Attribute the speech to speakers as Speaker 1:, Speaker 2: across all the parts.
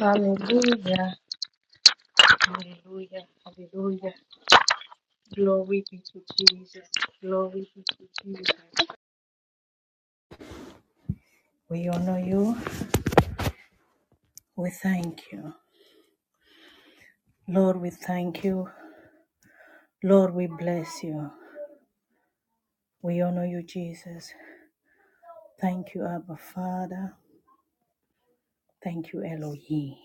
Speaker 1: Hallelujah. Hallelujah. Hallelujah. Glory be to Jesus. Glory be to Jesus. We honor you. We thank you. Lord, we thank you. Lord, we bless you. We honor you, Jesus. Thank you, Abba Father. Thank you, Elohim.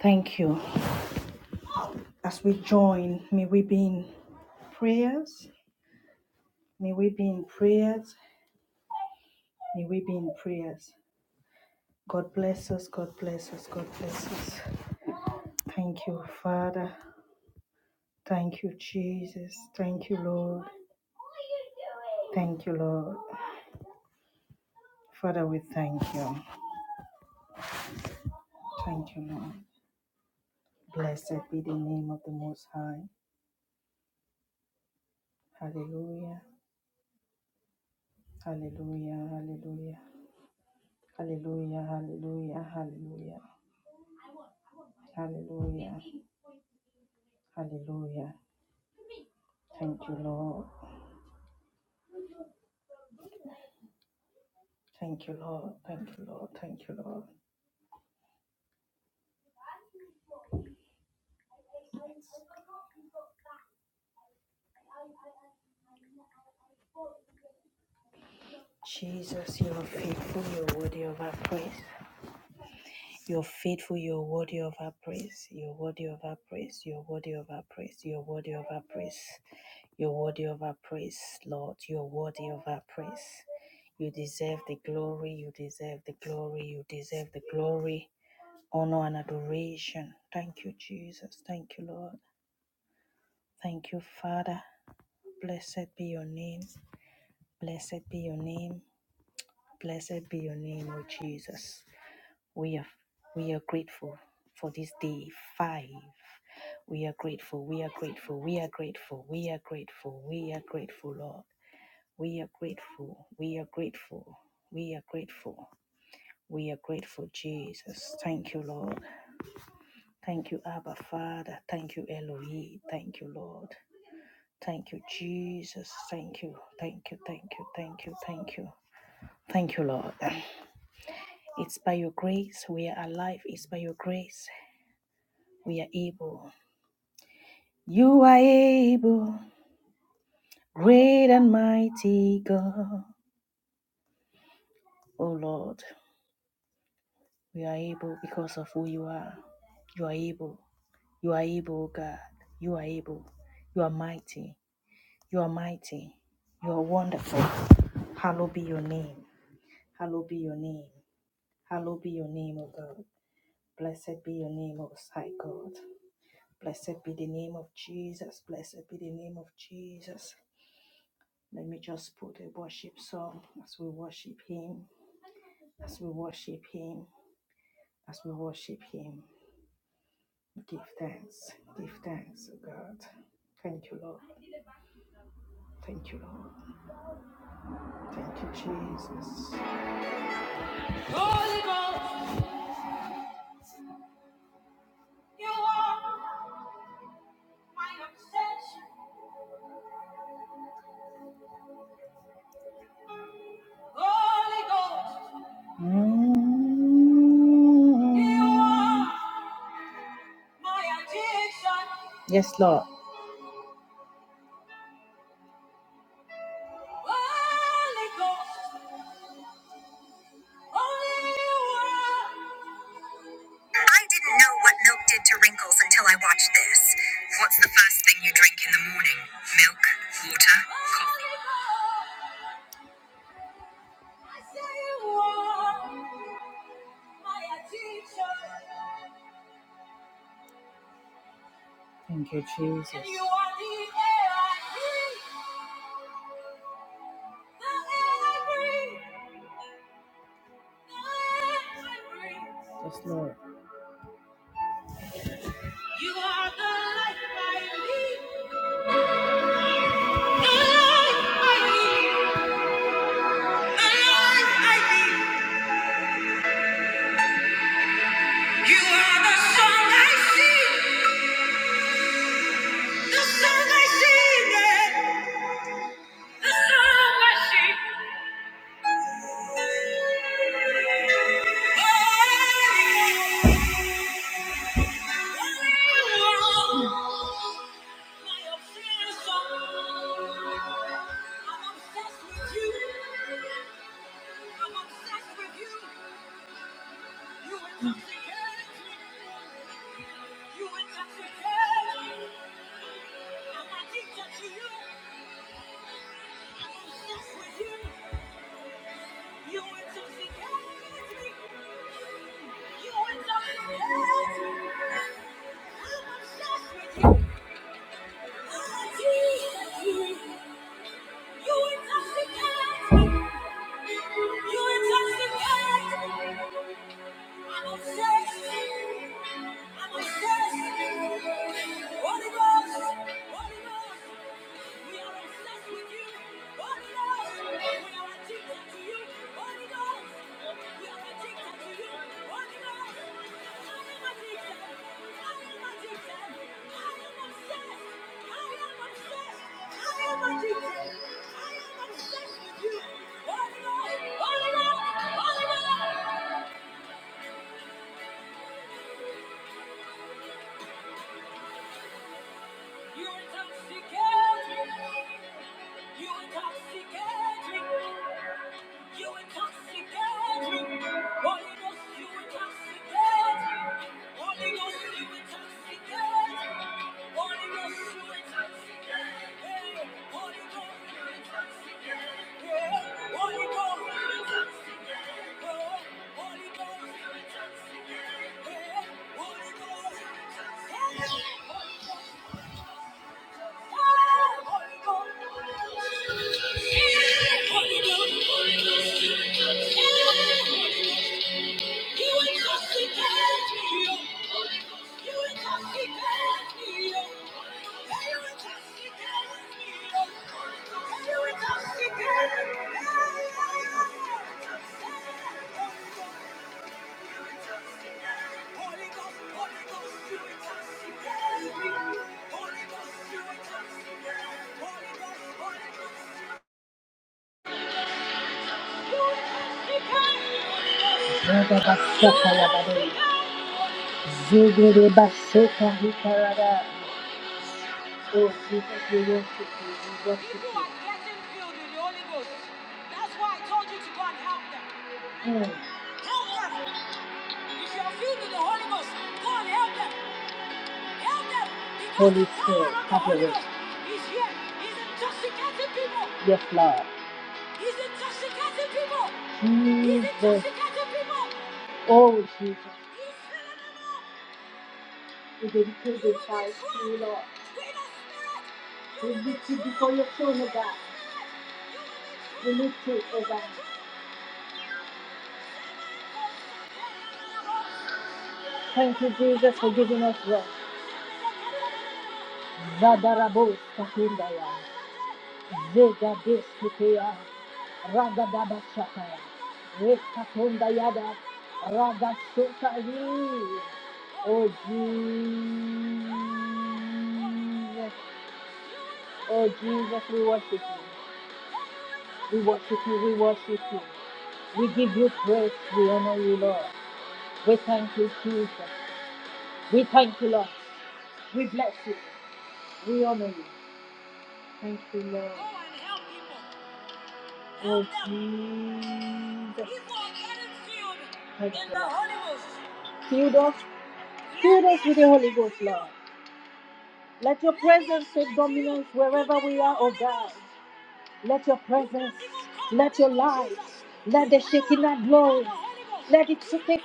Speaker 1: Thank you. As we join, may we be in prayers. May we be in prayers. May we be in prayers. God bless us. God bless us. God bless us. Thank you, Father. Thank you, Jesus. Thank you, Lord. Thank you, Lord. Father, we thank you. Thank you, Lord. Blessed be the name of the Most High. Hallelujah. Hallelujah. Hallelujah. Hallelujah. Hallelujah. Hallelujah. Hallelujah. Hallelujah. Thank you, Lord. Thank you, Lord. Thank you, Lord. Thank you, Lord. Jesus, you are faithful. You are worthy of our praise. You're faithful, you're worthy of our praise, you're worthy of our praise, you're worthy of our praise, you're worthy of our praise, you're worthy of our praise, Lord, you're worthy of our praise. You deserve the glory, you deserve the glory, you deserve the glory, honor, and adoration. Thank you, Jesus. Thank you, Lord. Thank you, Father. Blessed be your name. Blessed be your name. Blessed be your name, O Jesus. We are we are grateful for this day five. We are grateful. We are grateful. We are grateful. We are grateful. We are grateful, Lord. We are grateful. We are grateful. We are grateful. We are grateful, Jesus. Thank you, Lord. Thank you, Abba Father. Thank you, Elohim. Thank you, Lord. Thank you, Jesus. Thank you. Thank you. Thank you. Thank you. Thank you. Thank you, Lord. It's by your grace we are alive. It's by your grace we are able. You are able, great and mighty God. Oh Lord, we are able because of who you are. You are able. You are able, oh God. You are able. You are mighty. You are mighty. You are wonderful. Hallowed be your name. Hallowed be your name. Hallowed be your name, O God. Blessed be your name, O Most High God. Blessed be the name of Jesus. Blessed be the name of Jesus. Let me just put a worship song as we worship Him, as we worship Him, as we worship Him. Give thanks, give thanks, oh God. Thank you, Lord. Thank you, Lord. Thank you, Jesus. Holy Ghost, you are my obsession. Holy Ghost, mm. you are my addiction. Yes, Lord. Holy Ghost. I didn't know what milk did to wrinkles until I watched this. What's the first thing you drink in the morning? Milk? Coffee? Thank you, Jesus. Yes, Lord. You are the life I live, the life I live, the life I live. You are the song I sing, the song I sing, yeah. the song I sing. I'm obsessed with you. You went to see Gatsby. You went to see Gatsby. I'm obsessed with you. You went to see Gatsby. You went to see Gatsby. I'm obsessed. I'm obsessed. Holy Ghost. Holy Ghost. We are obsessed with you. Holy Ghost. We are addicted to you. Holy Ghost. We are addicted to you. Holy Ghost. I am addicted. I am addicted. I am obsessed. I am obsessed. I am addicted. I am obsessed with you. Holy Ghost. Holy Ghost. Holy Ghost. You intoxicate me. You intoxicate me. You intoxicate me. Holy Ghost, you intoxicate me. Holy Ghost, you intoxicate me. Holy Ghost, you intoxicate me. Holy Ghost, you intoxicate me. Holy Ghost, you intoxicate me. Holy Ghost, you intoxicate me. Holy Ghost, you intoxicate me. Holy Ghost, Jigere baseka hikarada osi. We worship, worship you. Mm. Holy Ghost, go and help them. Help them. Because Holy the power Spirit, have your way. Yes, Lord. He's intoxicating people. He's Jesus. intoxicating people. Oh, Jesus. He's filling them up. We dedicate this time to you, Lord. We don't We lift you before your throne, oh God. We lift you, oh God. Thank you, Jesus, for giving us rest. God, thank you, Lord. We bless you. We honor you. Thank you, Lord. Oh, Jesus. People Thank you, Lord. Fill us, fill us with the Holy Ghost, Lord. Let your presence take dominance wherever we are, oh God. Let your presence, let your light, let the Shekinah glory, let it take take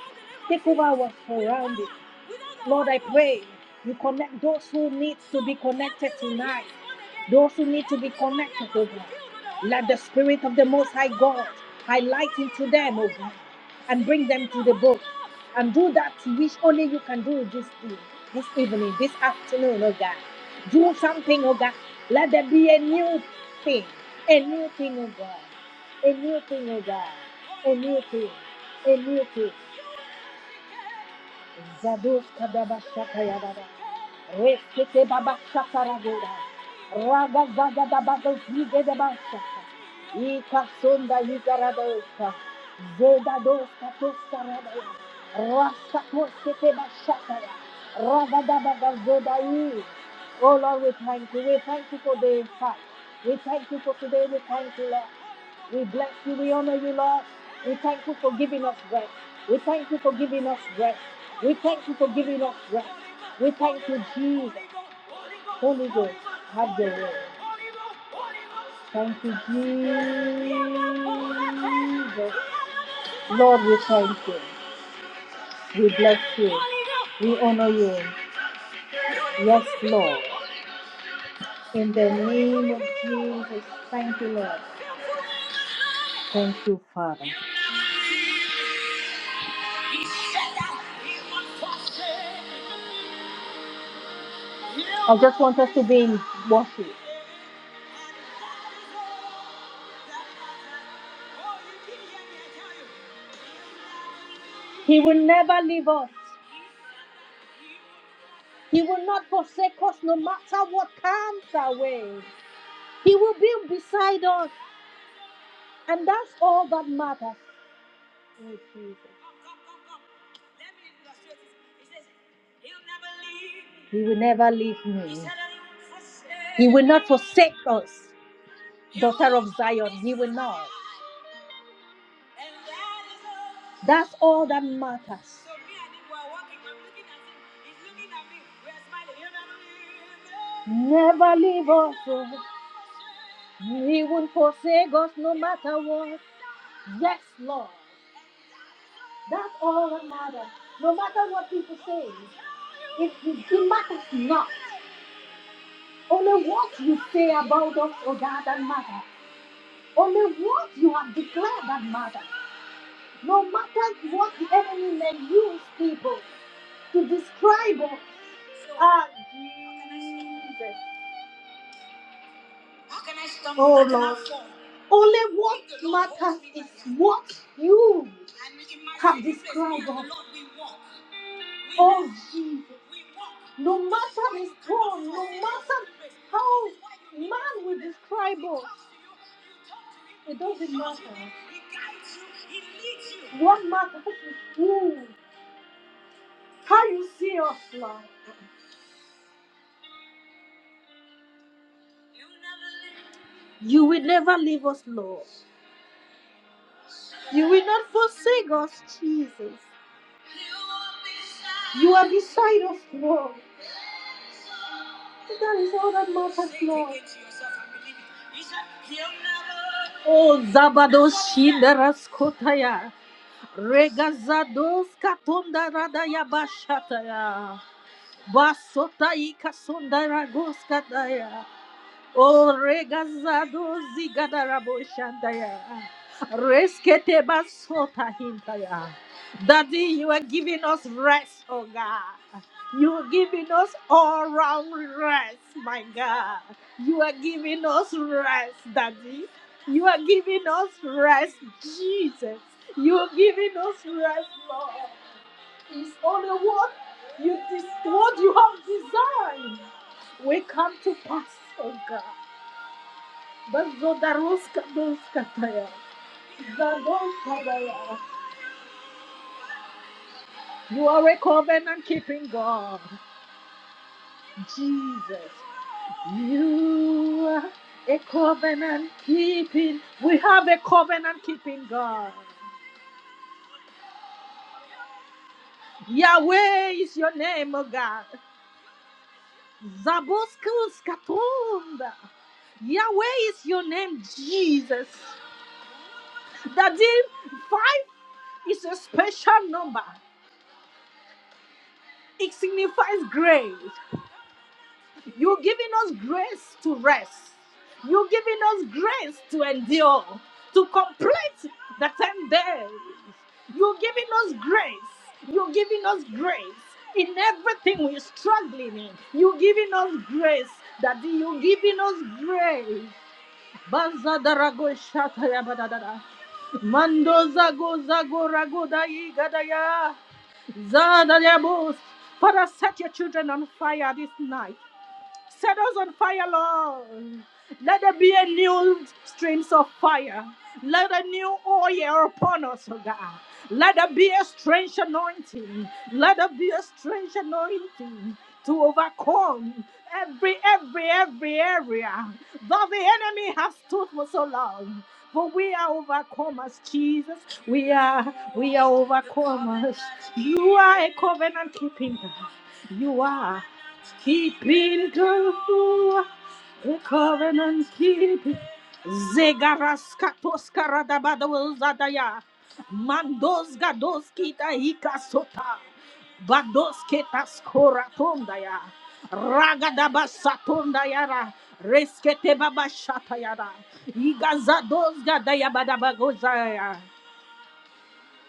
Speaker 1: a new thing, a new thing. Zados kadaba shaka yadaba. Rekete ragoda. Raga zaga daba zige daba Ika sonda ika Zeda doska toska radaya. Raska toskete ba Raga daba ga Oh Lord, we thank you. We thank you for the fact. We thank you for today. We thank you, Lord. We bless you. We honor you, Lord. We thank you for giving us rest. We thank you for giving us rest. We thank you for giving us rest. We thank you, Jesus. Holy Ghost, have your way. Thank you, Jesus. Lord, we thank you. We bless you. We honor you. Yes, Lord. In the name of Jesus, thank you, Lord. Thank you, Father. I just want us to be in worship. He will never leave us. He will not. Hmm. He will, daughter of Zion, he will not. Never leave us. Oh. He won't forsake us no matter what. Yes, Lord. That's all that matters. No matter what people say, it, it, it matters not. Only what you say about us, oh God, that matters. Only what you have declared that matters. No matter what the enemy may use people to describe us. Ah, Oh, Lord. Only what matters is what you have described. us. Oh Jesus. No matter the storm, no matter how man will describe us, it doesn't matter. What matters is who, how you see us, Lord. You will never leave us, Lord. You will not forsake us, Jesus. You are beside us, Lord. That is all that matters, Lord. Skotaya Regazados Katonda Radaya Bashataya Basotai Kasonda Ragoskataya O Regazados Zigadarabo Shandaya Reskete Basota Hintaya Daddy, you are giving us rest, oh God. You are giving us all round rest, my God. You are giving us rest, Daddy. You are giving us rest, Jesus. You are giving us rest, Lord. It's only what you des- what you have designed. We come to pass, oh God. But Zodaruska Doskataya. Zadoskataya. You are a covenant keeping God, Jesus. a covenant keeping. We have a covenant keeping God. Yahweh is your name, oh God. Zaboskus Katunda. Yahweh is your name, Jesus. That the five is a special number. It signifies grace. You're giving us grace to rest. You're giving us grace to endure, to complete the 10 days. You're giving us grace. You're giving us grace. In everything we're struggling in, you're giving us grace. Daddy, you're giving us grace. Baza darago shata ya badadada. Mando zago zago rago dai gadaya. Zada ya bos. Father, set your children on fire this night. Set us on fire, Lord. Let there be a new streams of fire. Let a new oil upon us, oh God. Let there be a strange anointing. Let there be a strange anointing to overcome every, every, every area that the enemy has stood for so long. For we are overcomers, Jesus. We are, we are overcomers. You are a covenant keeping God. You are keeping to The covenant keeping. Zegaraskatos karadabadawazadaya. Mandos gados kita hikasota. Bados ketas koratondaya. Ragadabasatondayara. Reskete babashatayara. Igazados gadaya badabagozaya.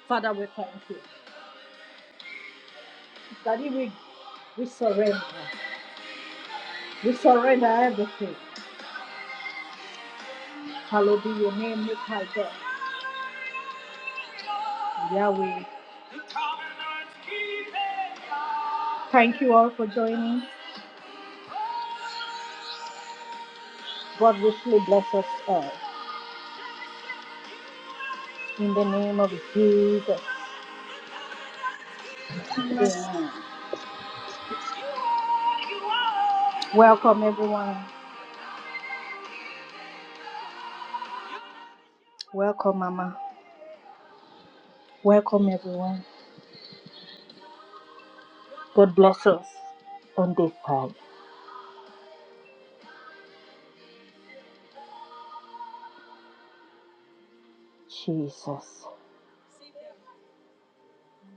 Speaker 1: Father, we thank you. Daddy, we, we surrender. We surrender everything. Hallowed be your name, Most High God, Yahweh. Thank you all for joining in the name of Jesus. Welcome, everyone. Welcome, Mama. Welcome, everyone. God bless us on day five. Jesus,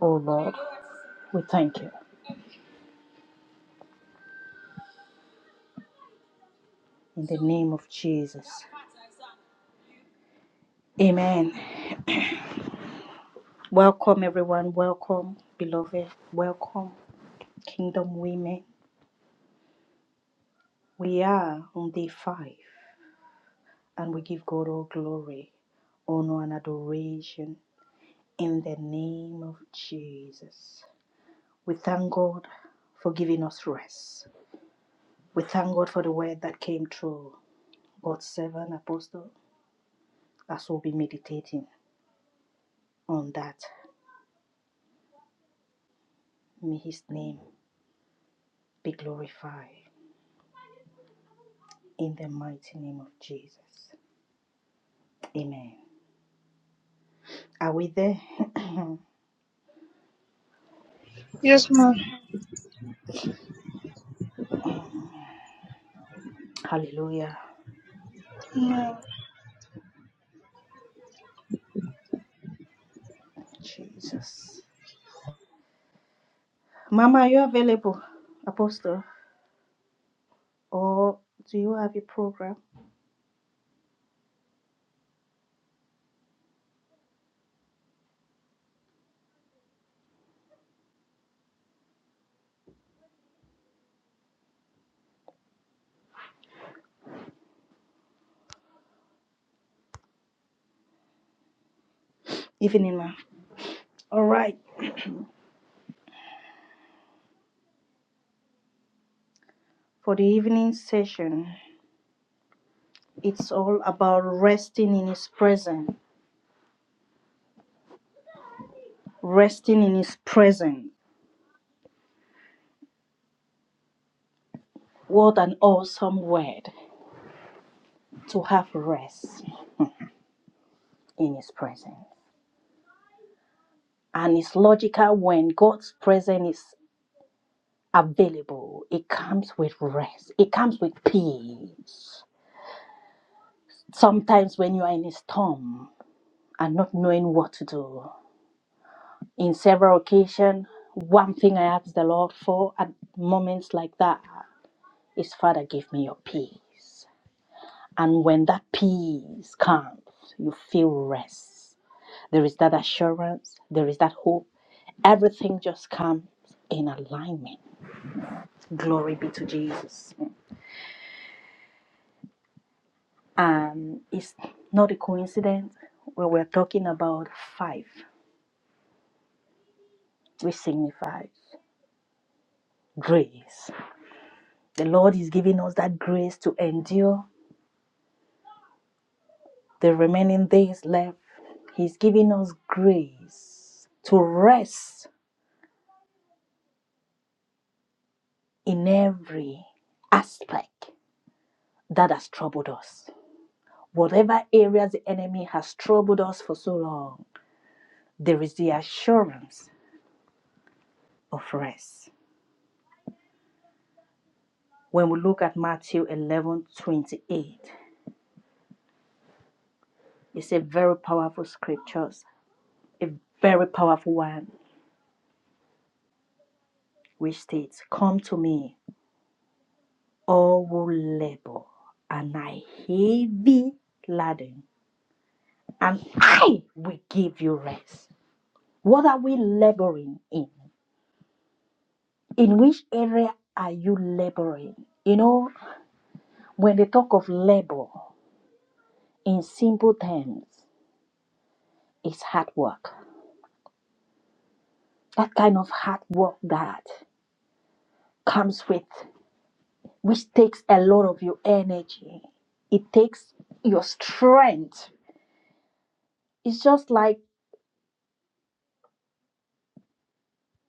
Speaker 1: oh Lord, we thank you in the name of Jesus. Amen. Welcome, everyone. Welcome, beloved. Welcome, Kingdom Women. We are on day five and we give God all glory, honor, and adoration in the name of Jesus. We thank God for giving us rest. We thank God for the word that came through God's servant apostle as we'll be meditating on that. May his name be glorified in the mighty name of Jesus. Amen. Are we there?
Speaker 2: Yes, ma'am.
Speaker 1: Hallelujah.
Speaker 2: Yeah.
Speaker 1: Jesus. Mama, are you available, Apostle? Or do you have a program? Evening, ma. All right. For the evening session. It's all about resting in His presence, resting in His presence. What an awesome word to have rest in His presence. And it's logical when God's presence is available, it comes with rest, it comes with peace. Sometimes when you are in a storm and not knowing what to do, in several occasions, one thing I ask the Lord for at moments like that is, Father, give me your peace. And when that peace comes, you feel rest. There is that assurance, there is that hope. Everything just comes in alignment. Glory be to Jesus. And it's not a coincidence when we're talking about five, which signifies grace. The Lord is giving us that grace to endure the remaining days left. He's giving us grace to rest in every aspect that has troubled us. Whatever areas the enemy has troubled us for so long, there is the assurance of rest. When we look at Matthew 11 28, it's a very powerful scriptures, a very powerful one, which states, Come to me, all who labor and are heavy laden, and I will give you rest. What are we laboring in? In which area are you laboring? You know, When they talk of labor, in simple terms, it's hard work. That kind of hard work that comes with, which takes a lot of your energy. It takes your strength. It's just like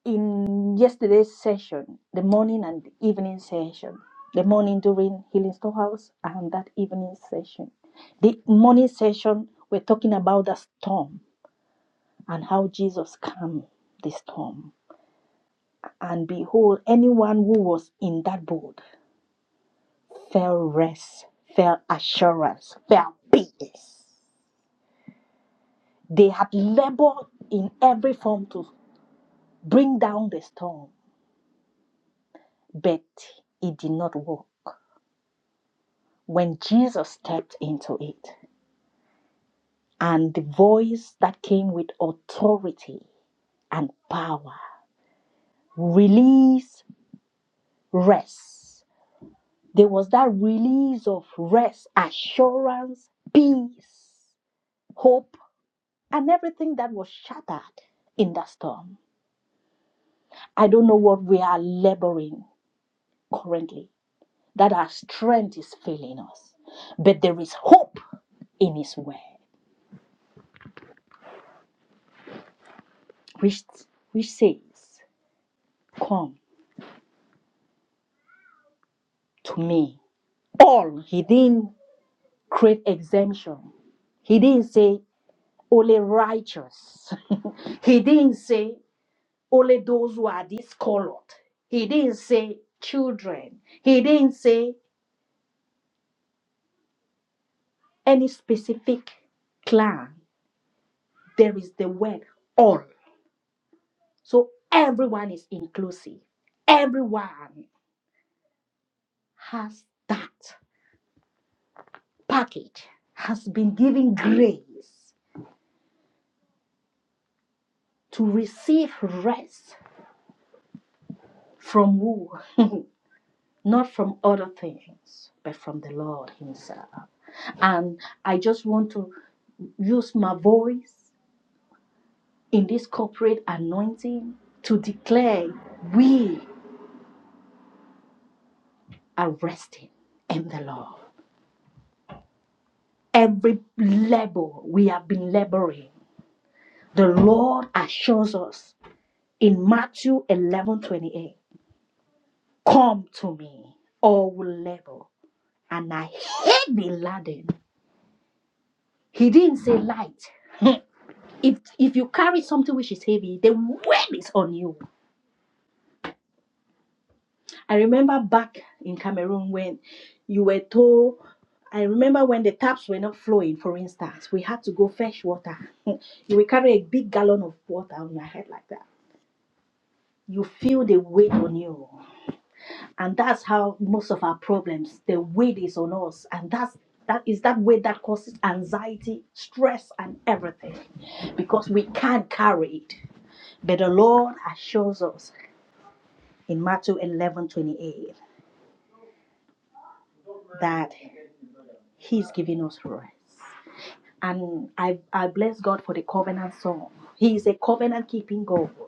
Speaker 1: in yesterday's session, the morning and the evening session, the morning during Healing Storehouse and that evening session. The morning session, we're talking about the storm and how Jesus calmed the storm And behold, anyone who was in that boat fell rest, fell assurance, fell peace. They had labored in every form to bring down the storm, but it did not work. When Jesus stepped into it, and the voice that came with authority and power release rest. There was that release of rest, assurance, peace, hope and everything that was shattered in that storm. I don't know what we are laboring currently, that our strength is failing us, but there is hope in His word, which, which says, Come to me. All, He didn't create exemption, He didn't say, only righteous. he didn't say, only those who are discolored. He didn't say, children. He didn't say, any specific clan. there is the word all. So everyone is inclusive. Everyone has that package, has been given grace to receive rest from who? Not from other things, but from the Lord Himself. And I just want to use my voice in this corporate anointing to declare we are resting in the Lord. Every labor we have been laboring, the Lord assures us in Matthew 11 28, Come to me, all who labor, and I heavy laden. He didn't say light. Hmm. if if you carry something which is heavy, the weight is on you. I remember back in Cameroon when you were told. I remember when the taps were not flowing. For instance, we had to go fetch water. you will carry a big gallon of water on your head like that. you feel the weight on you and that's how most of our problems the weight is on us and that's that is that weight that causes anxiety stress and everything because we can't carry it but the lord assures us in matthew 11 28 that he's giving us rest and i i bless god for the covenant song he is a covenant keeping god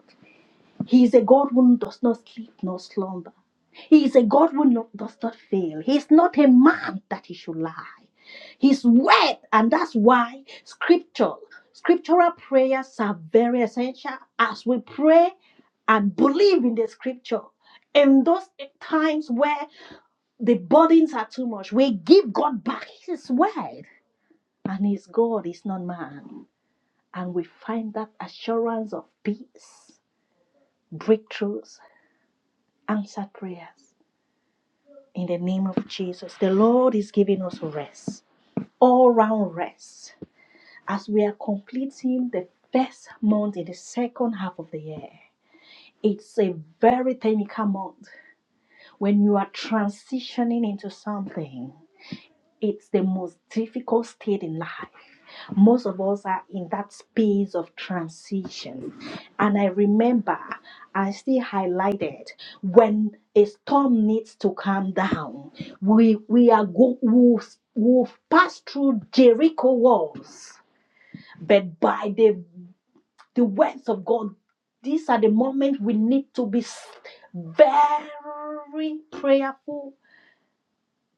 Speaker 1: He is a God who does not sleep nor slumber. He is a God who no- does not fail. He is not a man that he should lie. His word, and that's why scripture, scriptural prayers are very essential as we pray and believe in the scripture. In those times where the burdens are too much, we give God back his word, and his God is not man. And we find that assurance of peace, breakthroughs, answered prayers. In the name of Jesus, the Lord is giving us rest, all round rest, as we are completing the first month in the second half of the year. It's a very technical month. When you are transitioning into something, it's the most difficult state in life. most of us are in that space of transition. And I remember I still highlighted when a storm needs to calm down, we we are go we've, we've passed through Jericho walls, but by the the words of God, these are the moments we need to be s- very prayerful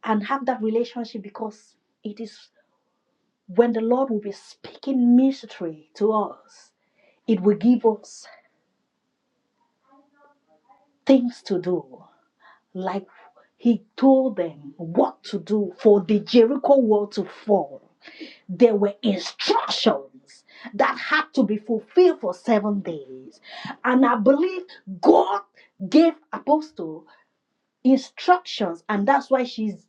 Speaker 1: and have that relationship because it is when the Lord will be speaking mystery to us It will give us things to do, like he told them what to do for the Jericho wall to fall. There were instructions that had to be fulfilled for seven days. And I believe God gave Apostle instructions, and that's why she's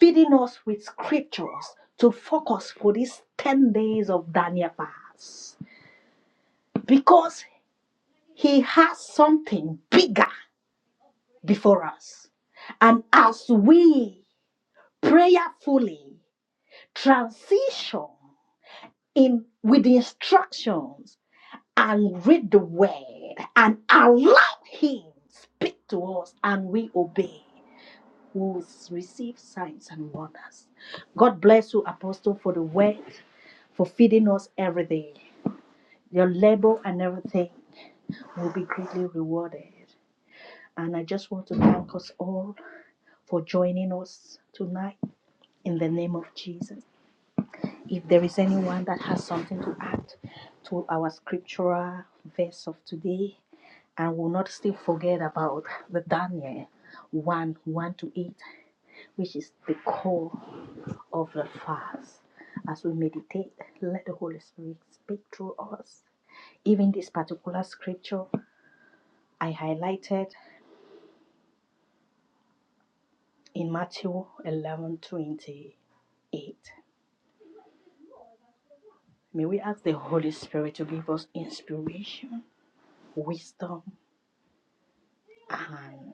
Speaker 1: feeding us with scriptures to focus for these 10 days of Daniel fast. Because he has something bigger before us. And as we prayerfully transition in with the instructions and read the word and allow him speak to us and we obey, we will receive signs and wonders. God bless you, Apostle, for the word, for feeding us every day. Your labor and everything will be greatly rewarded. And I just want to thank us all for joining us tonight in the name of Jesus. If there is anyone that has something to add to our scriptural verse of today, and will not still forget about the Daniel 1 1 to 8, which is the core of the fast. As we meditate, let the Holy Spirit speak through us. Even this particular scripture I highlighted in Matthew eleven twenty eight. May we ask the Holy Spirit to give us inspiration, wisdom, and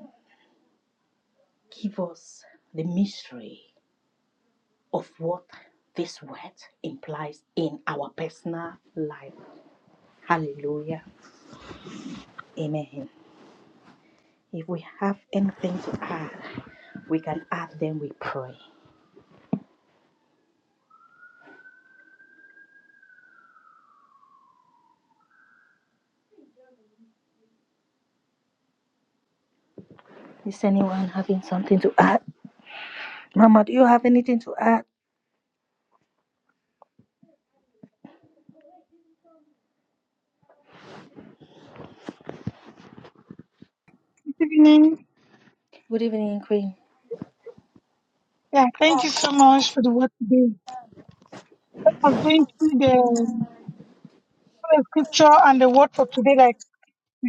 Speaker 1: give us the mystery of what this word implies in our personal life. Hallelujah. Amen. If we have anything to add, we can add them, we pray. Is anyone having something to add? Mama, do you have anything to add?
Speaker 2: Good evening.
Speaker 1: Good evening, Queen.
Speaker 2: Yeah, thank you so much for the word today. I was going through the the scripture and the word for today. Like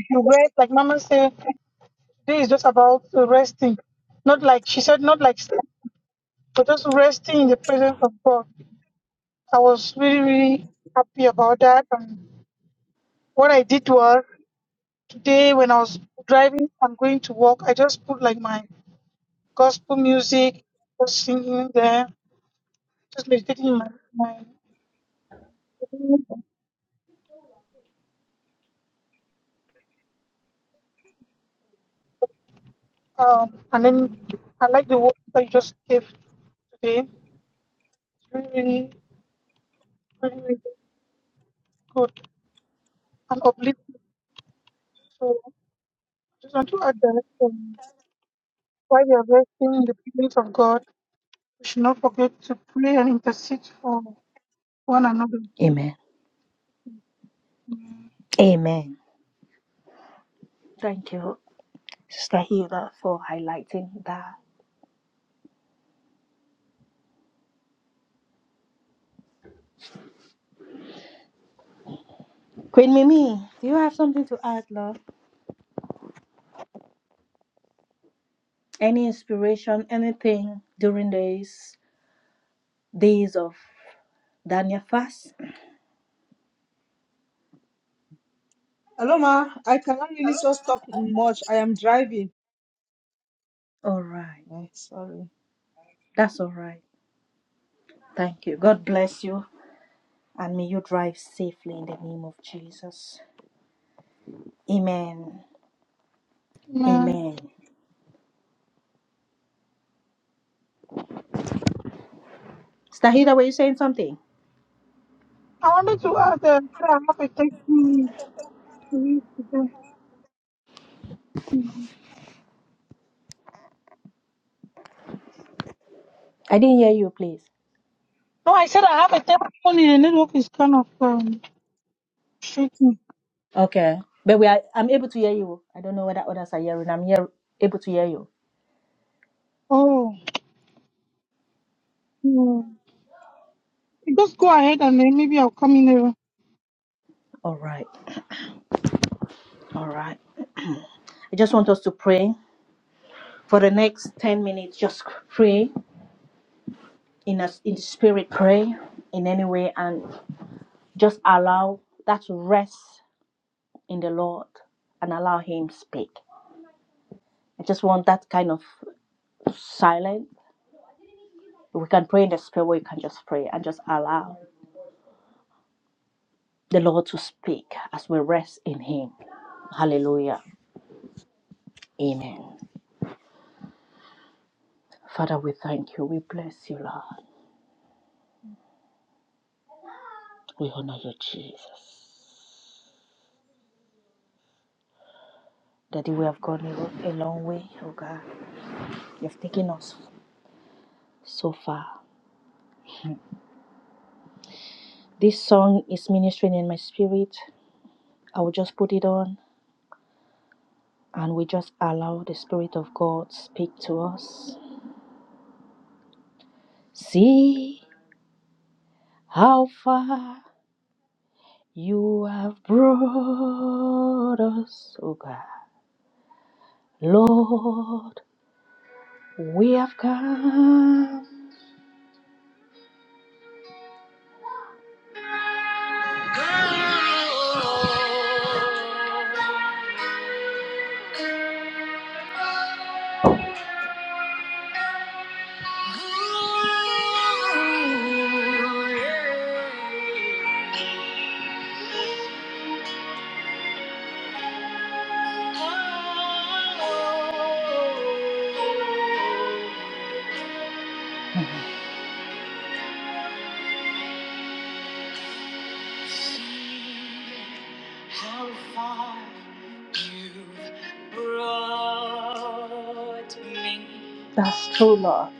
Speaker 2: you read, like Mama said, today is just about resting. Not like she said, not like sleep, but just resting in the presence of God. I was really, really happy about that. And what I did was today when I was driving and going to work, I just put like my gospel music, just singing there, just meditating in my my Um, and then I like the words that you just gave today. It's really, really, really, really good and uplifting. So I just want to add that um, while we are resting in the presence of God, we should not forget to pray and intercede for one another.
Speaker 1: Amen.
Speaker 2: Amen.
Speaker 1: Amen. Thank you, Sister Hilda, for highlighting that. Queen Mimi, do you have something to add, love? Any inspiration, anything during these days of Daniel fast?
Speaker 3: Hello, ma. I cannot really just talk much. I am driving.
Speaker 1: All right.
Speaker 3: Eh, sorry.
Speaker 1: That's all right. Thank you. God bless you. And may you drive safely in the name of Jesus. Amen.
Speaker 2: Amen.
Speaker 1: Amen. Stahida, were you saying something?
Speaker 2: I wanted to add that I have a testimony to read today.
Speaker 1: I didn't hear you, please.
Speaker 2: No, I said I have a testimony. The network is kind of um, shaking.
Speaker 1: Okay. But we are, I'm able to hear you. I don't know whether others are hearing. I'm here, able to hear you.
Speaker 2: Oh, hmm. just go ahead and then maybe I'll come in. later.
Speaker 1: All right. All right. I just want us to pray for the next 10 minutes. Just pray. in a in spirit pray in any way and just allow that rest in the lord and allow him speak i just want that kind of silence we can pray in the spirit we can just pray and just allow the lord to speak as we rest in him hallelujah amen father we thank you we bless you lord we honor you jesus daddy we have gone a a long way oh god you have taken us so far this song is ministering in my spirit I will just put it on and we just allow the Spirit of God speak to us. See how far you have brought us, oh God. Lord, we have come. How far you've brought me. That's true, Lord.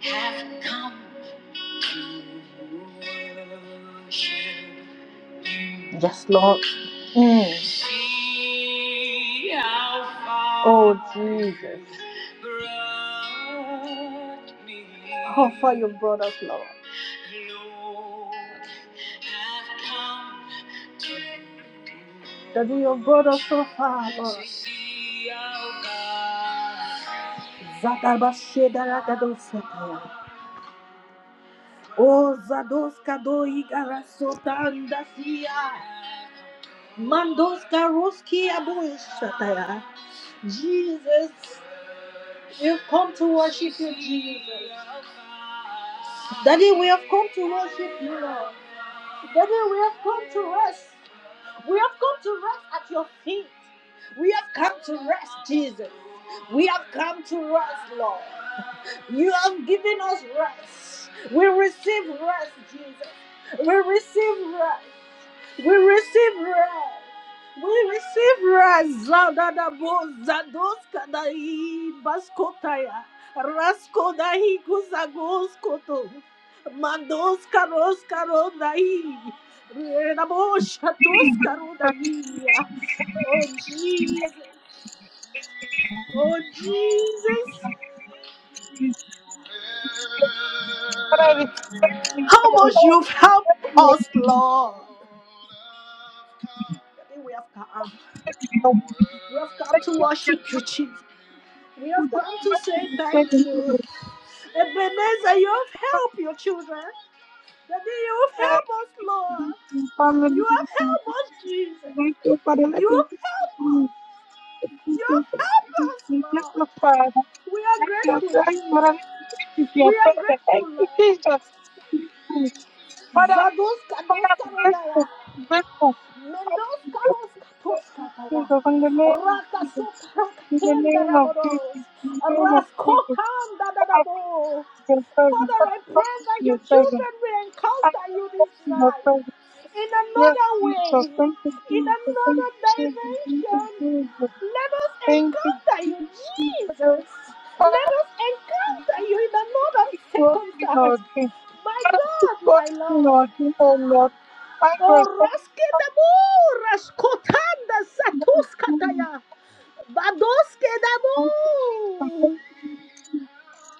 Speaker 1: Lord, have come to worship. Yes, Lord. How far you. Ozadoska do igara sotanda sia. Mandoska roski aboishataya. Jesus, we've come to worship you, Jesus. Daddy, we have come to worship you, Lord. Daddy, we have come to rest. We have come to rest at your feet. We have come to rest, Jesus. We have come to rest, Lord. You have given us rest. We receive rest, Jesus. We receive rest. We receive rest. We receive rest. Zadada Zadadabo, zadoskadai, baskotaya, raskodahi, kuzagoskoto, mandoskaroskarodai, redaboshatoskarodai. Oh, Jesus. Oh, Jesus.
Speaker 2: But I was thanking so
Speaker 1: How
Speaker 2: much.
Speaker 1: much you've helped us, Lord. We have come. We have come
Speaker 2: Thank
Speaker 1: to
Speaker 2: you again for giving me Thank you for
Speaker 1: worship
Speaker 2: the
Speaker 1: you,
Speaker 2: opportunity.
Speaker 1: Jesus. We
Speaker 2: Who
Speaker 1: have
Speaker 2: does
Speaker 1: come
Speaker 2: the
Speaker 1: to
Speaker 2: right
Speaker 1: say
Speaker 2: to stay
Speaker 1: thank
Speaker 2: in
Speaker 1: you.
Speaker 2: English?
Speaker 1: Ebenezer, you have helped your children. Daddy, you have
Speaker 2: Thank
Speaker 1: helped us,
Speaker 2: you for
Speaker 1: Lord.
Speaker 2: being my family.
Speaker 1: You have helped us, Jesus.
Speaker 2: Thank you for the
Speaker 1: You
Speaker 2: message.
Speaker 1: have helped us.
Speaker 2: Thank
Speaker 1: You
Speaker 2: you
Speaker 1: have
Speaker 2: for
Speaker 1: helped us,
Speaker 2: being
Speaker 1: Lord.
Speaker 2: my father.
Speaker 1: We are
Speaker 2: Thank you,
Speaker 1: grateful,
Speaker 2: for
Speaker 1: Jesus.
Speaker 2: everything. Thank
Speaker 1: We are
Speaker 2: Thank
Speaker 1: grateful,
Speaker 2: you,
Speaker 1: Lord.
Speaker 2: Jesus. But I'm
Speaker 1: Zados kados karodara.
Speaker 2: grateful. But I'm grateful. But
Speaker 1: Mendos
Speaker 2: I'm
Speaker 1: caros
Speaker 2: grateful.
Speaker 1: katoska para.
Speaker 2: Jesus,
Speaker 1: Rakasota
Speaker 2: in the
Speaker 1: rakenda
Speaker 2: name of Jesus, in the name of Jesus,
Speaker 1: rabodos.
Speaker 2: in the name of Jesus,
Speaker 1: Raskotanda
Speaker 2: I thank you
Speaker 1: dadabo.
Speaker 2: for your presence.
Speaker 1: Father, I
Speaker 2: Father, I
Speaker 1: pray
Speaker 2: thank you
Speaker 1: that
Speaker 2: for your
Speaker 1: your
Speaker 2: presence.
Speaker 1: children will
Speaker 2: I thank
Speaker 1: encounter
Speaker 2: you
Speaker 1: you
Speaker 2: for
Speaker 1: this
Speaker 2: your
Speaker 1: night
Speaker 2: presence.
Speaker 1: in
Speaker 2: Yes,
Speaker 1: another way,
Speaker 2: Jesus, thank you,
Speaker 1: in
Speaker 2: Jesus, thank you,
Speaker 1: another
Speaker 2: Jesus, thank you,
Speaker 1: dimension.
Speaker 2: Jesus,
Speaker 1: Let us
Speaker 2: thank you,
Speaker 1: encounter you,
Speaker 2: Jesus.
Speaker 1: Jesus. Let
Speaker 2: Father,
Speaker 1: us
Speaker 2: you
Speaker 1: encounter you in another
Speaker 2: keep working in our
Speaker 1: circumstance.
Speaker 2: dream.
Speaker 1: My
Speaker 2: Father, keep
Speaker 1: God, my
Speaker 2: working in
Speaker 1: Lord.
Speaker 2: our dream, oh Lord. I was
Speaker 1: Oraskedabu, raskotanda satuskataya, badoskedabu.
Speaker 2: Thank you, Jesus. Thank you, Jesus.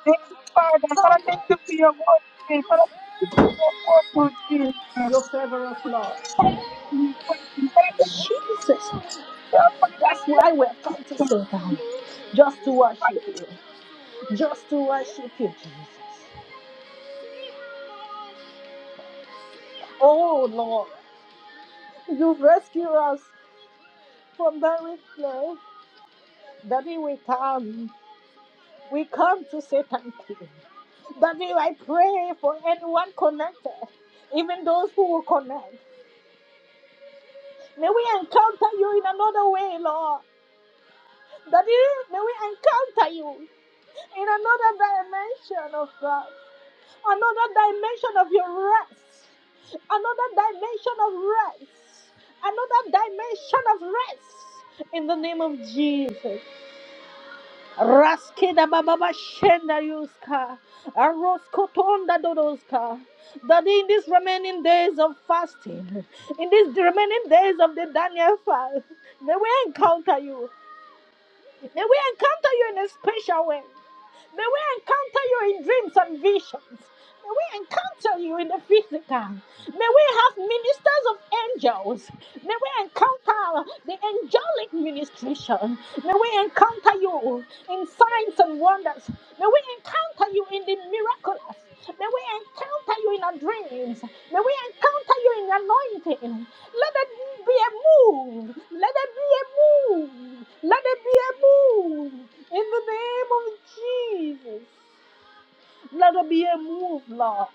Speaker 2: Thank you, Father. Father, thank you for your word today. Father, thank you for your word, Lord Jesus. We thank you. Father, thank you for your Father,
Speaker 1: That's why we're
Speaker 2: Father,
Speaker 1: come to
Speaker 2: Jesus.
Speaker 1: sit down, just to worship
Speaker 2: Father,
Speaker 1: you, just to worship you, Jesus. Oh Lord, you have rescued us from the wicked. Daddy, we come. We come to say thank you. Daddy, I pray for anyone connected, even those who will connect. May we encounter you in another way, Lord. That is, may we encounter you in another dimension of God, another dimension of your rest, another dimension of rest, another dimension of rest. In the name of Jesus. Raskida bababa shenda yuska. Aroskotonda dodoska. That in these remaining days of fasting, in these remaining days of the Daniel fast, may we encounter you. May we encounter you in a special way. May we encounter you in dreams and visions. May we encounter you in the physical. May we have ministers of angels. May we encounter the angelic ministration. May we encounter you in signs and wonders. May we encounter you in the miraculous. May we encounter you in our dreams. May we encounter you in anointing. Let it be a move. Let it be a move. Let it be a move. In the name of Jesus. Let it be a move, Lord.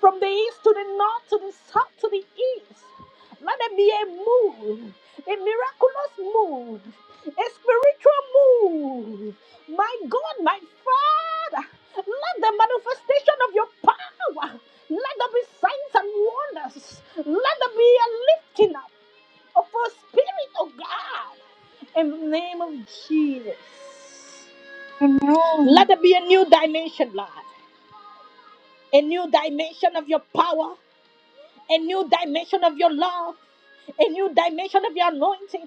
Speaker 1: From the east to the north, to the south, to the east. Let it be a move. A miraculous move. A spiritual move. My God, my Father. Let the manifestation of your power. Let there be signs and wonders. Let there be a lifting up for spirit, of God, in the name of Jesus. Let
Speaker 2: Amen.
Speaker 1: there be a new dimension, Lord, a new dimension of your power, a new dimension of your love a new dimension of your anointing,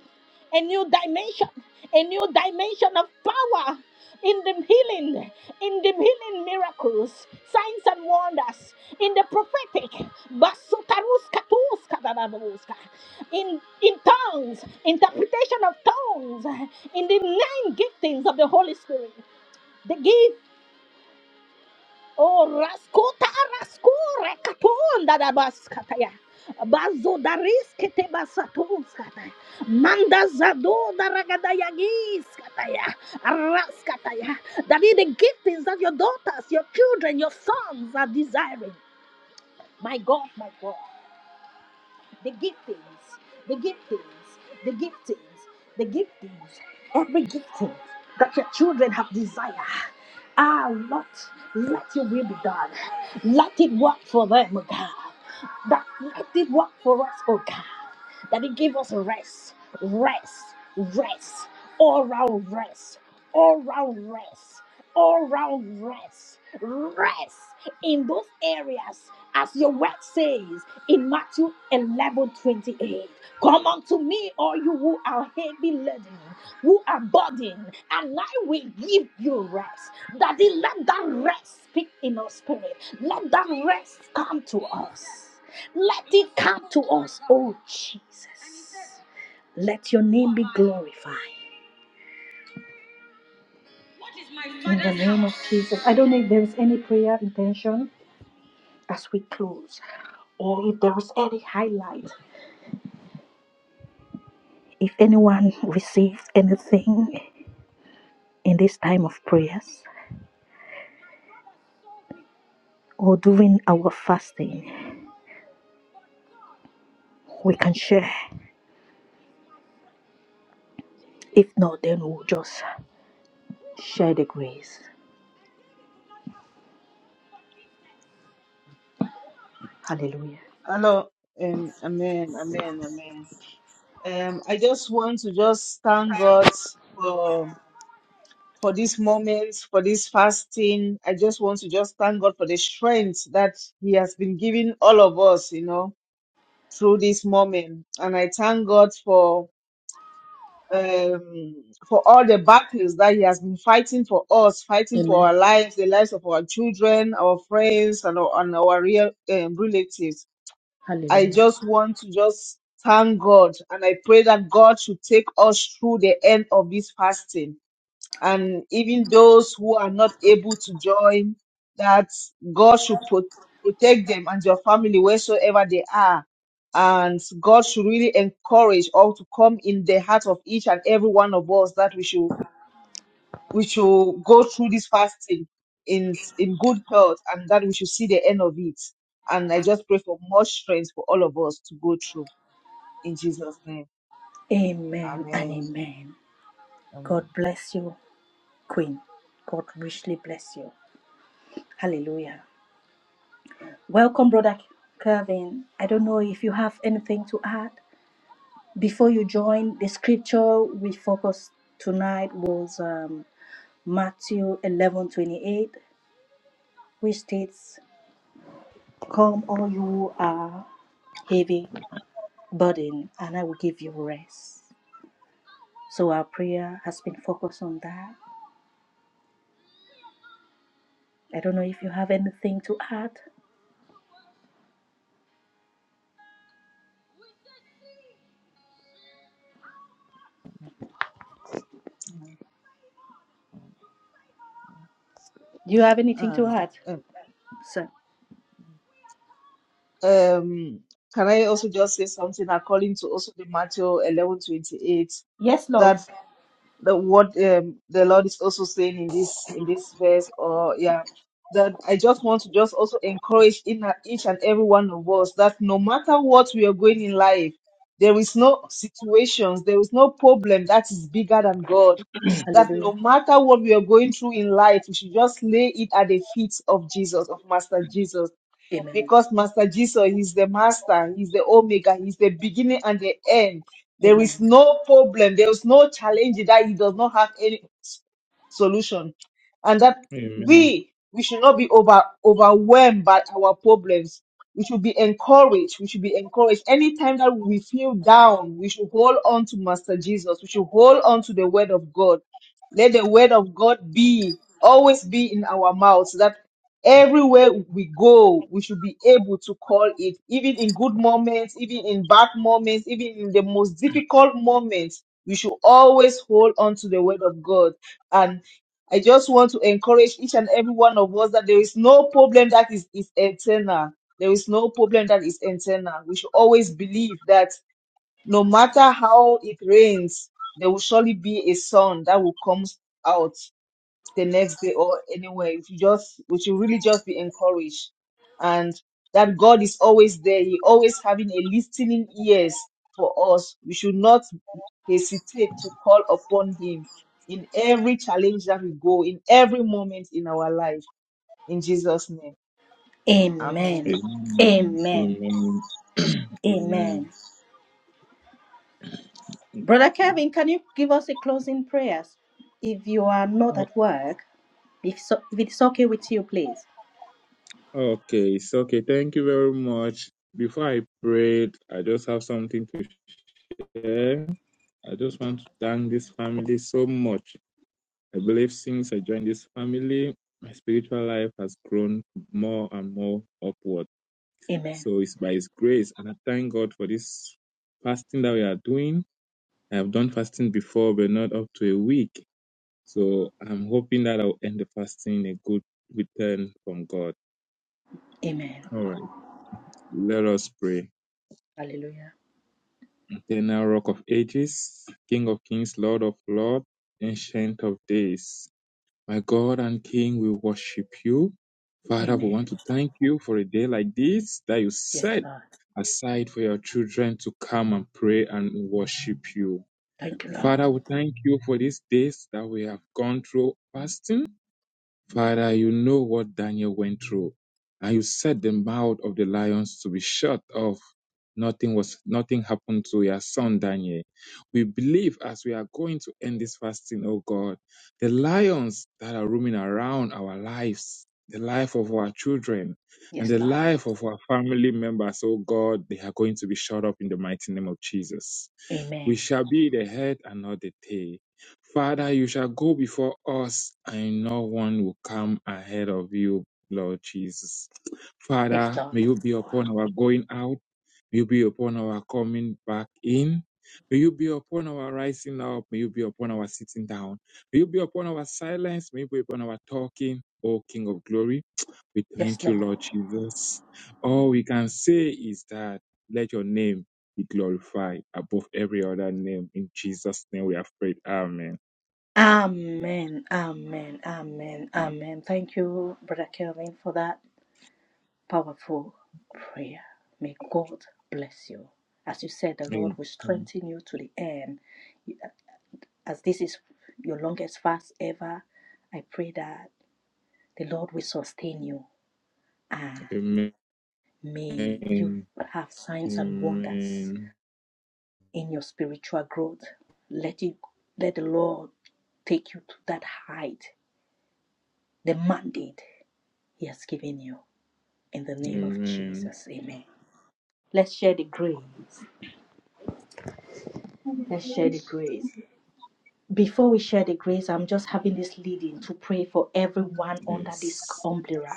Speaker 1: a new dimension, a new dimension of power in the healing, in the healing miracles, signs and wonders, in the prophetic, basutaruska tuska dadabuska, in in tongues, interpretation of tongues, in the nine giftings of the Holy Spirit, the gift. Oh, raskota, raskure, katon, dadabaskataya. That is the gift of God. the giftings, the giftings, the gifting, every gifting that your children have desire. Ah, Lord, let your will be done. Let it work for them, oh God. That let it work for us, oh God that He gave us rest, rest, rest, all round rest, all round rest, all round rest, rest in those areas, as your word says in Matthew 11:28. Come unto me, all you who are heavy laden, who are burdened, and I will give you rest. Daddy, let that rest speak in our spirit. Let that rest come to us. Let it come to us, oh Jesus. Let your name be glorified. In the name of Jesus. I don't know if there is any prayer intention as we close, or if there is any highlight. If anyone receives anything in this time of prayers or during our fasting, we can share. If not, then we'll just share the grace. Hallelujah.
Speaker 3: Hello. Um, amen. Amen. Amen. Um, I just want to just thank God for for this moment, for this fasting. I just want to just thank God for the strength that He has been giving all of us, you know, through this moment. And I thank God for um, for all the battles that he has been fighting for us, fighting for
Speaker 1: Amen.
Speaker 3: our lives, the lives of our children, our friends, and our, and our real um, relatives. I
Speaker 1: Hallelujah.
Speaker 3: just want to just thank God, and I pray that God should take us through the end of this fasting and even those who are not able to join, that God should pro- protect them and your family wheresoever they are. And God should really encourage all to come in the heart of each and every one of us that we should we should go through this fasting in in good health and that we should see the end of it. And I just pray for more strength for all of us to go through in Jesus' name.
Speaker 1: Amen and
Speaker 3: Amen.
Speaker 1: amen.
Speaker 3: Amen.
Speaker 1: God bless you. Queen. God richly bless you. Hallelujah. Welcome, Brother Kevin. I don't know if you have anything to add. Before you join, the scripture we focused tonight was um, Matthew eleven twenty eight, which states, Come, all you who are heavy burden, and I will give you rest. So our prayer has been focused on that. I don't know if you have anything to add.
Speaker 3: Amen.
Speaker 1: Do you have anything to
Speaker 3: Um,
Speaker 1: add, sir?
Speaker 3: Um, can I also just say something according to also the Matthew eleven twenty eight that the what um, the Lord is also saying in this in this verse or yeah that I just want to just also encourage in a- each and every one of us that no matter what we are going in life, there is no situations, there is no problem that is bigger than God. That no
Speaker 1: Hallelujah.
Speaker 3: matter what we are going through in life, we should just lay it at the feet of Jesus, of Master Jesus
Speaker 1: Amen.
Speaker 3: because Master Jesus He's the master, he's the omega, he's the beginning and the end. There is
Speaker 1: Amen.
Speaker 3: no problem, there is no challenge that he does not have any s- solution. And that we we should not be over overwhelmed by our problems. We should be encouraged. We should be encouraged. Anytime that we feel down, we should hold on to Master Jesus. We should hold on to the word of God. Let the word of God be always be in our mouths. Everywhere we go, we should be able to call it, even in good moments, even in bad moments, even in the most difficult moments. We should always hold on to the word of God. And I just want to encourage each and every one of us that there is no problem that is, is eternal. There is no problem that is eternal. We should always believe that no matter how it rains, there will surely be a sun that will come out the next day or anywhere. If you just, we should really just be encouraged, and that God is always there. He always having a listening ears for us. We should not hesitate to call upon Him in every challenge that we go, in every moment in our life. In Jesus' name, Amen.
Speaker 1: Amen. Amen. Amen. Brother Kevin, can you give us a closing prayers? If you are not at work, if, so, if it's okay with you, please. Amen. Amen. Hallelujah. Amen. Yes, Lord. Thank you, Lord. Yes, Lord. Amen. Yes, Lord. Yes, Lord. Amen. Amen. Amen. Amen. Thank you, Brother Kelvin, for that. powerful prayer. May God bless you. As you said, the Lord will strengthen you to the end. As this is your longest fast ever, I pray that the Lord will sustain you and may you have signs and wonders in your spiritual growth. Let you let the Lord take you to that height, the mandate He has given you. In the name of Jesus, Amen. Let's share the grace.
Speaker 2: And the
Speaker 1: Let's share the
Speaker 2: grace
Speaker 1: grace. before we share the grace, I'm just having this leading to pray for
Speaker 3: Amen.
Speaker 1: everyone under this umbrella,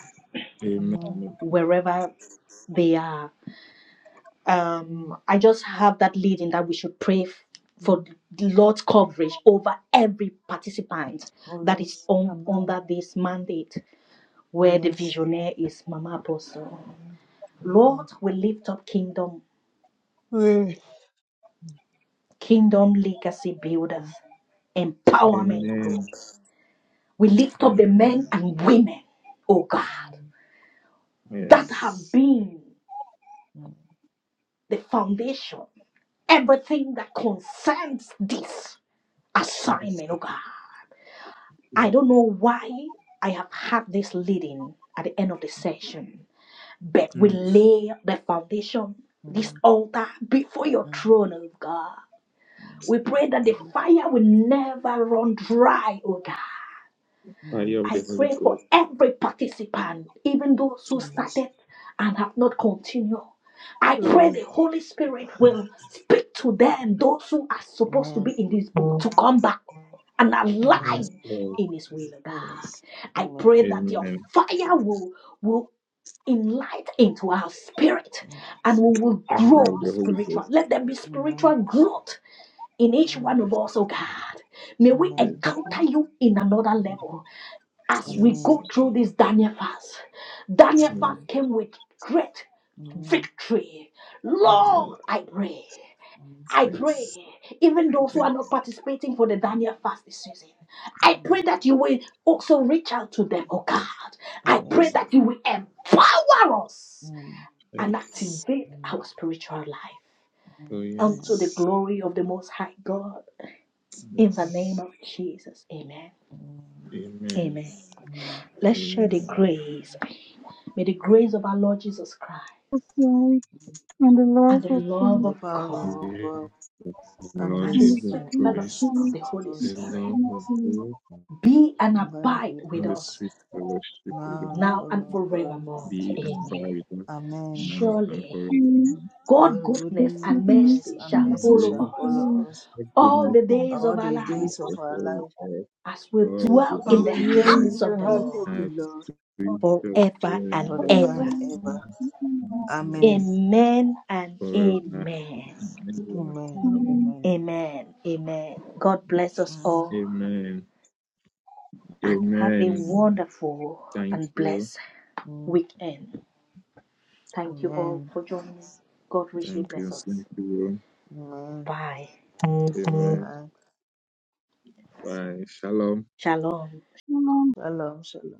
Speaker 3: Amen.
Speaker 1: wherever they are.
Speaker 3: Mm,
Speaker 1: Um, I just have that leading that we should pray f- for
Speaker 3: mm.
Speaker 1: the Lord's coverage over every participant
Speaker 3: Oh
Speaker 1: that is
Speaker 3: yes.
Speaker 1: on
Speaker 3: Amen.
Speaker 1: under this mandate, where
Speaker 3: Oh
Speaker 1: the
Speaker 3: yes.
Speaker 1: visionary is Mama Apostle.
Speaker 3: Amen. Yeah.
Speaker 1: Lord, we lift up kingdom,
Speaker 3: Mm.
Speaker 1: kingdom legacy builders,
Speaker 3: Mm,
Speaker 1: empowerment group. We lift up the men
Speaker 3: mm,
Speaker 1: and women, oh God.
Speaker 3: mm,
Speaker 1: that
Speaker 3: mm,
Speaker 1: have been
Speaker 3: mm, mm,
Speaker 1: the foundation, everything that concerns this assignment, oh God. I don't know why I have had this leading at the end of the session, but we lay the foundation,
Speaker 3: mm.
Speaker 1: this altar before your
Speaker 3: Mm,
Speaker 1: throne, oh God.
Speaker 3: mm,
Speaker 1: We pray that the fire will never run dry, oh God.
Speaker 3: mm,
Speaker 1: I pray for every participant, even those who
Speaker 3: Yes.
Speaker 1: started and have not continued. I pray
Speaker 3: Mm.
Speaker 1: the Holy Spirit will speak to them, those who are supposed to be
Speaker 3: Amen.
Speaker 1: in this boat, to come back and
Speaker 3: Amen.
Speaker 1: align in His will, oh
Speaker 3: Oh,
Speaker 1: God.
Speaker 3: yes.
Speaker 1: I pray
Speaker 3: Amen.
Speaker 1: that your fire will, will enlight into our spirit and
Speaker 3: Yes.
Speaker 1: we will grow
Speaker 3: Mm,
Speaker 1: spiritual. Let there be
Speaker 3: Amen.
Speaker 1: spiritual growth in each
Speaker 3: Amen.
Speaker 1: one of us, oh God. May we
Speaker 3: Amen.
Speaker 1: encounter you in another level. As we
Speaker 3: Mm,
Speaker 1: go through this Daniel fast, Daniel
Speaker 3: Amen.
Speaker 1: fast came with great
Speaker 3: Amen. Mm,
Speaker 1: victory. Lord, I pray.
Speaker 3: mm,
Speaker 1: I pray, even those who are not participating for the
Speaker 3: mm,
Speaker 1: Daniel fast this season, I
Speaker 3: mm.
Speaker 1: pray that you will also reach out to them, oh God. I
Speaker 3: Oh,
Speaker 1: pray
Speaker 3: yes.
Speaker 1: that you will empower us
Speaker 3: Mm,
Speaker 1: and activate
Speaker 3: mm,
Speaker 1: our spiritual life
Speaker 3: mm,
Speaker 1: unto
Speaker 3: mm,
Speaker 1: the glory of the Most High God. In the
Speaker 3: mm,
Speaker 1: name of Jesus, amen.
Speaker 3: mm,
Speaker 1: Amen.
Speaker 3: mm,
Speaker 1: Let's share the grace. May the grace of our Lord Jesus Christ
Speaker 2: of Christ
Speaker 3: mm.
Speaker 2: and the love
Speaker 1: and the
Speaker 2: of
Speaker 3: And
Speaker 1: love
Speaker 2: God
Speaker 3: the
Speaker 1: of God
Speaker 3: power of God and
Speaker 1: and the
Speaker 2: and
Speaker 3: this,
Speaker 2: the
Speaker 3: uh,
Speaker 1: sweet
Speaker 2: peace of
Speaker 1: fellowship
Speaker 2: God
Speaker 1: of
Speaker 2: and
Speaker 1: the
Speaker 3: this
Speaker 1: Holy
Speaker 3: goes
Speaker 2: the
Speaker 1: Spirit
Speaker 2: Holy Spirit
Speaker 1: be and
Speaker 3: and bears
Speaker 1: abide
Speaker 3: with
Speaker 1: with
Speaker 3: us.
Speaker 1: us
Speaker 3: now
Speaker 1: now and
Speaker 3: and forevermore.
Speaker 1: forevermore. Amen.
Speaker 3: Amen.
Speaker 1: Surely
Speaker 2: be
Speaker 1: God
Speaker 3: God's
Speaker 1: goodness
Speaker 2: with you
Speaker 1: and
Speaker 2: now
Speaker 3: goodness
Speaker 1: mercy
Speaker 3: and
Speaker 1: shall
Speaker 2: and
Speaker 3: mercy
Speaker 1: follow
Speaker 3: shall
Speaker 2: forever.
Speaker 1: us
Speaker 3: follow us
Speaker 1: all the days
Speaker 3: all
Speaker 1: of our
Speaker 3: the days
Speaker 1: lives
Speaker 3: of our life.
Speaker 1: as we dwell in
Speaker 3: Oh,
Speaker 1: the
Speaker 3: yeah,
Speaker 1: house of
Speaker 3: yeah,
Speaker 1: the
Speaker 3: house
Speaker 1: Lord
Speaker 3: of the Lord
Speaker 1: forever and
Speaker 2: Amen.
Speaker 3: forever
Speaker 1: ever.
Speaker 3: and
Speaker 2: Amen.
Speaker 3: ever.
Speaker 2: Amen.
Speaker 3: Amen.
Speaker 1: Amen and amen.
Speaker 3: Amen.
Speaker 2: Amen.
Speaker 3: Amen.
Speaker 1: Amen. Amen. God bless us
Speaker 3: Amen.
Speaker 1: all and have a wonderful and blessed
Speaker 3: Amen.
Speaker 1: weekend. Thank you all
Speaker 3: Amen.
Speaker 1: for joining. God richly bless us.
Speaker 3: Amen.
Speaker 1: Bye.
Speaker 3: Bye.
Speaker 1: Shalom.
Speaker 2: Amen.
Speaker 3: Shalom. Shalom.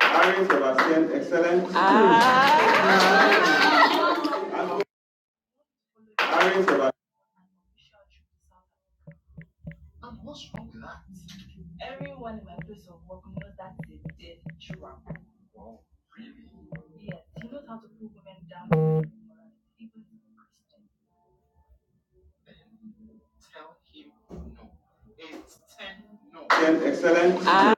Speaker 4: Harry Sebastian, excellent. Ah. Harry Sebastian. Tell him no. It's ten no. Excellent. Ah.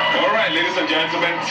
Speaker 4: All right, ladies and gentlemen.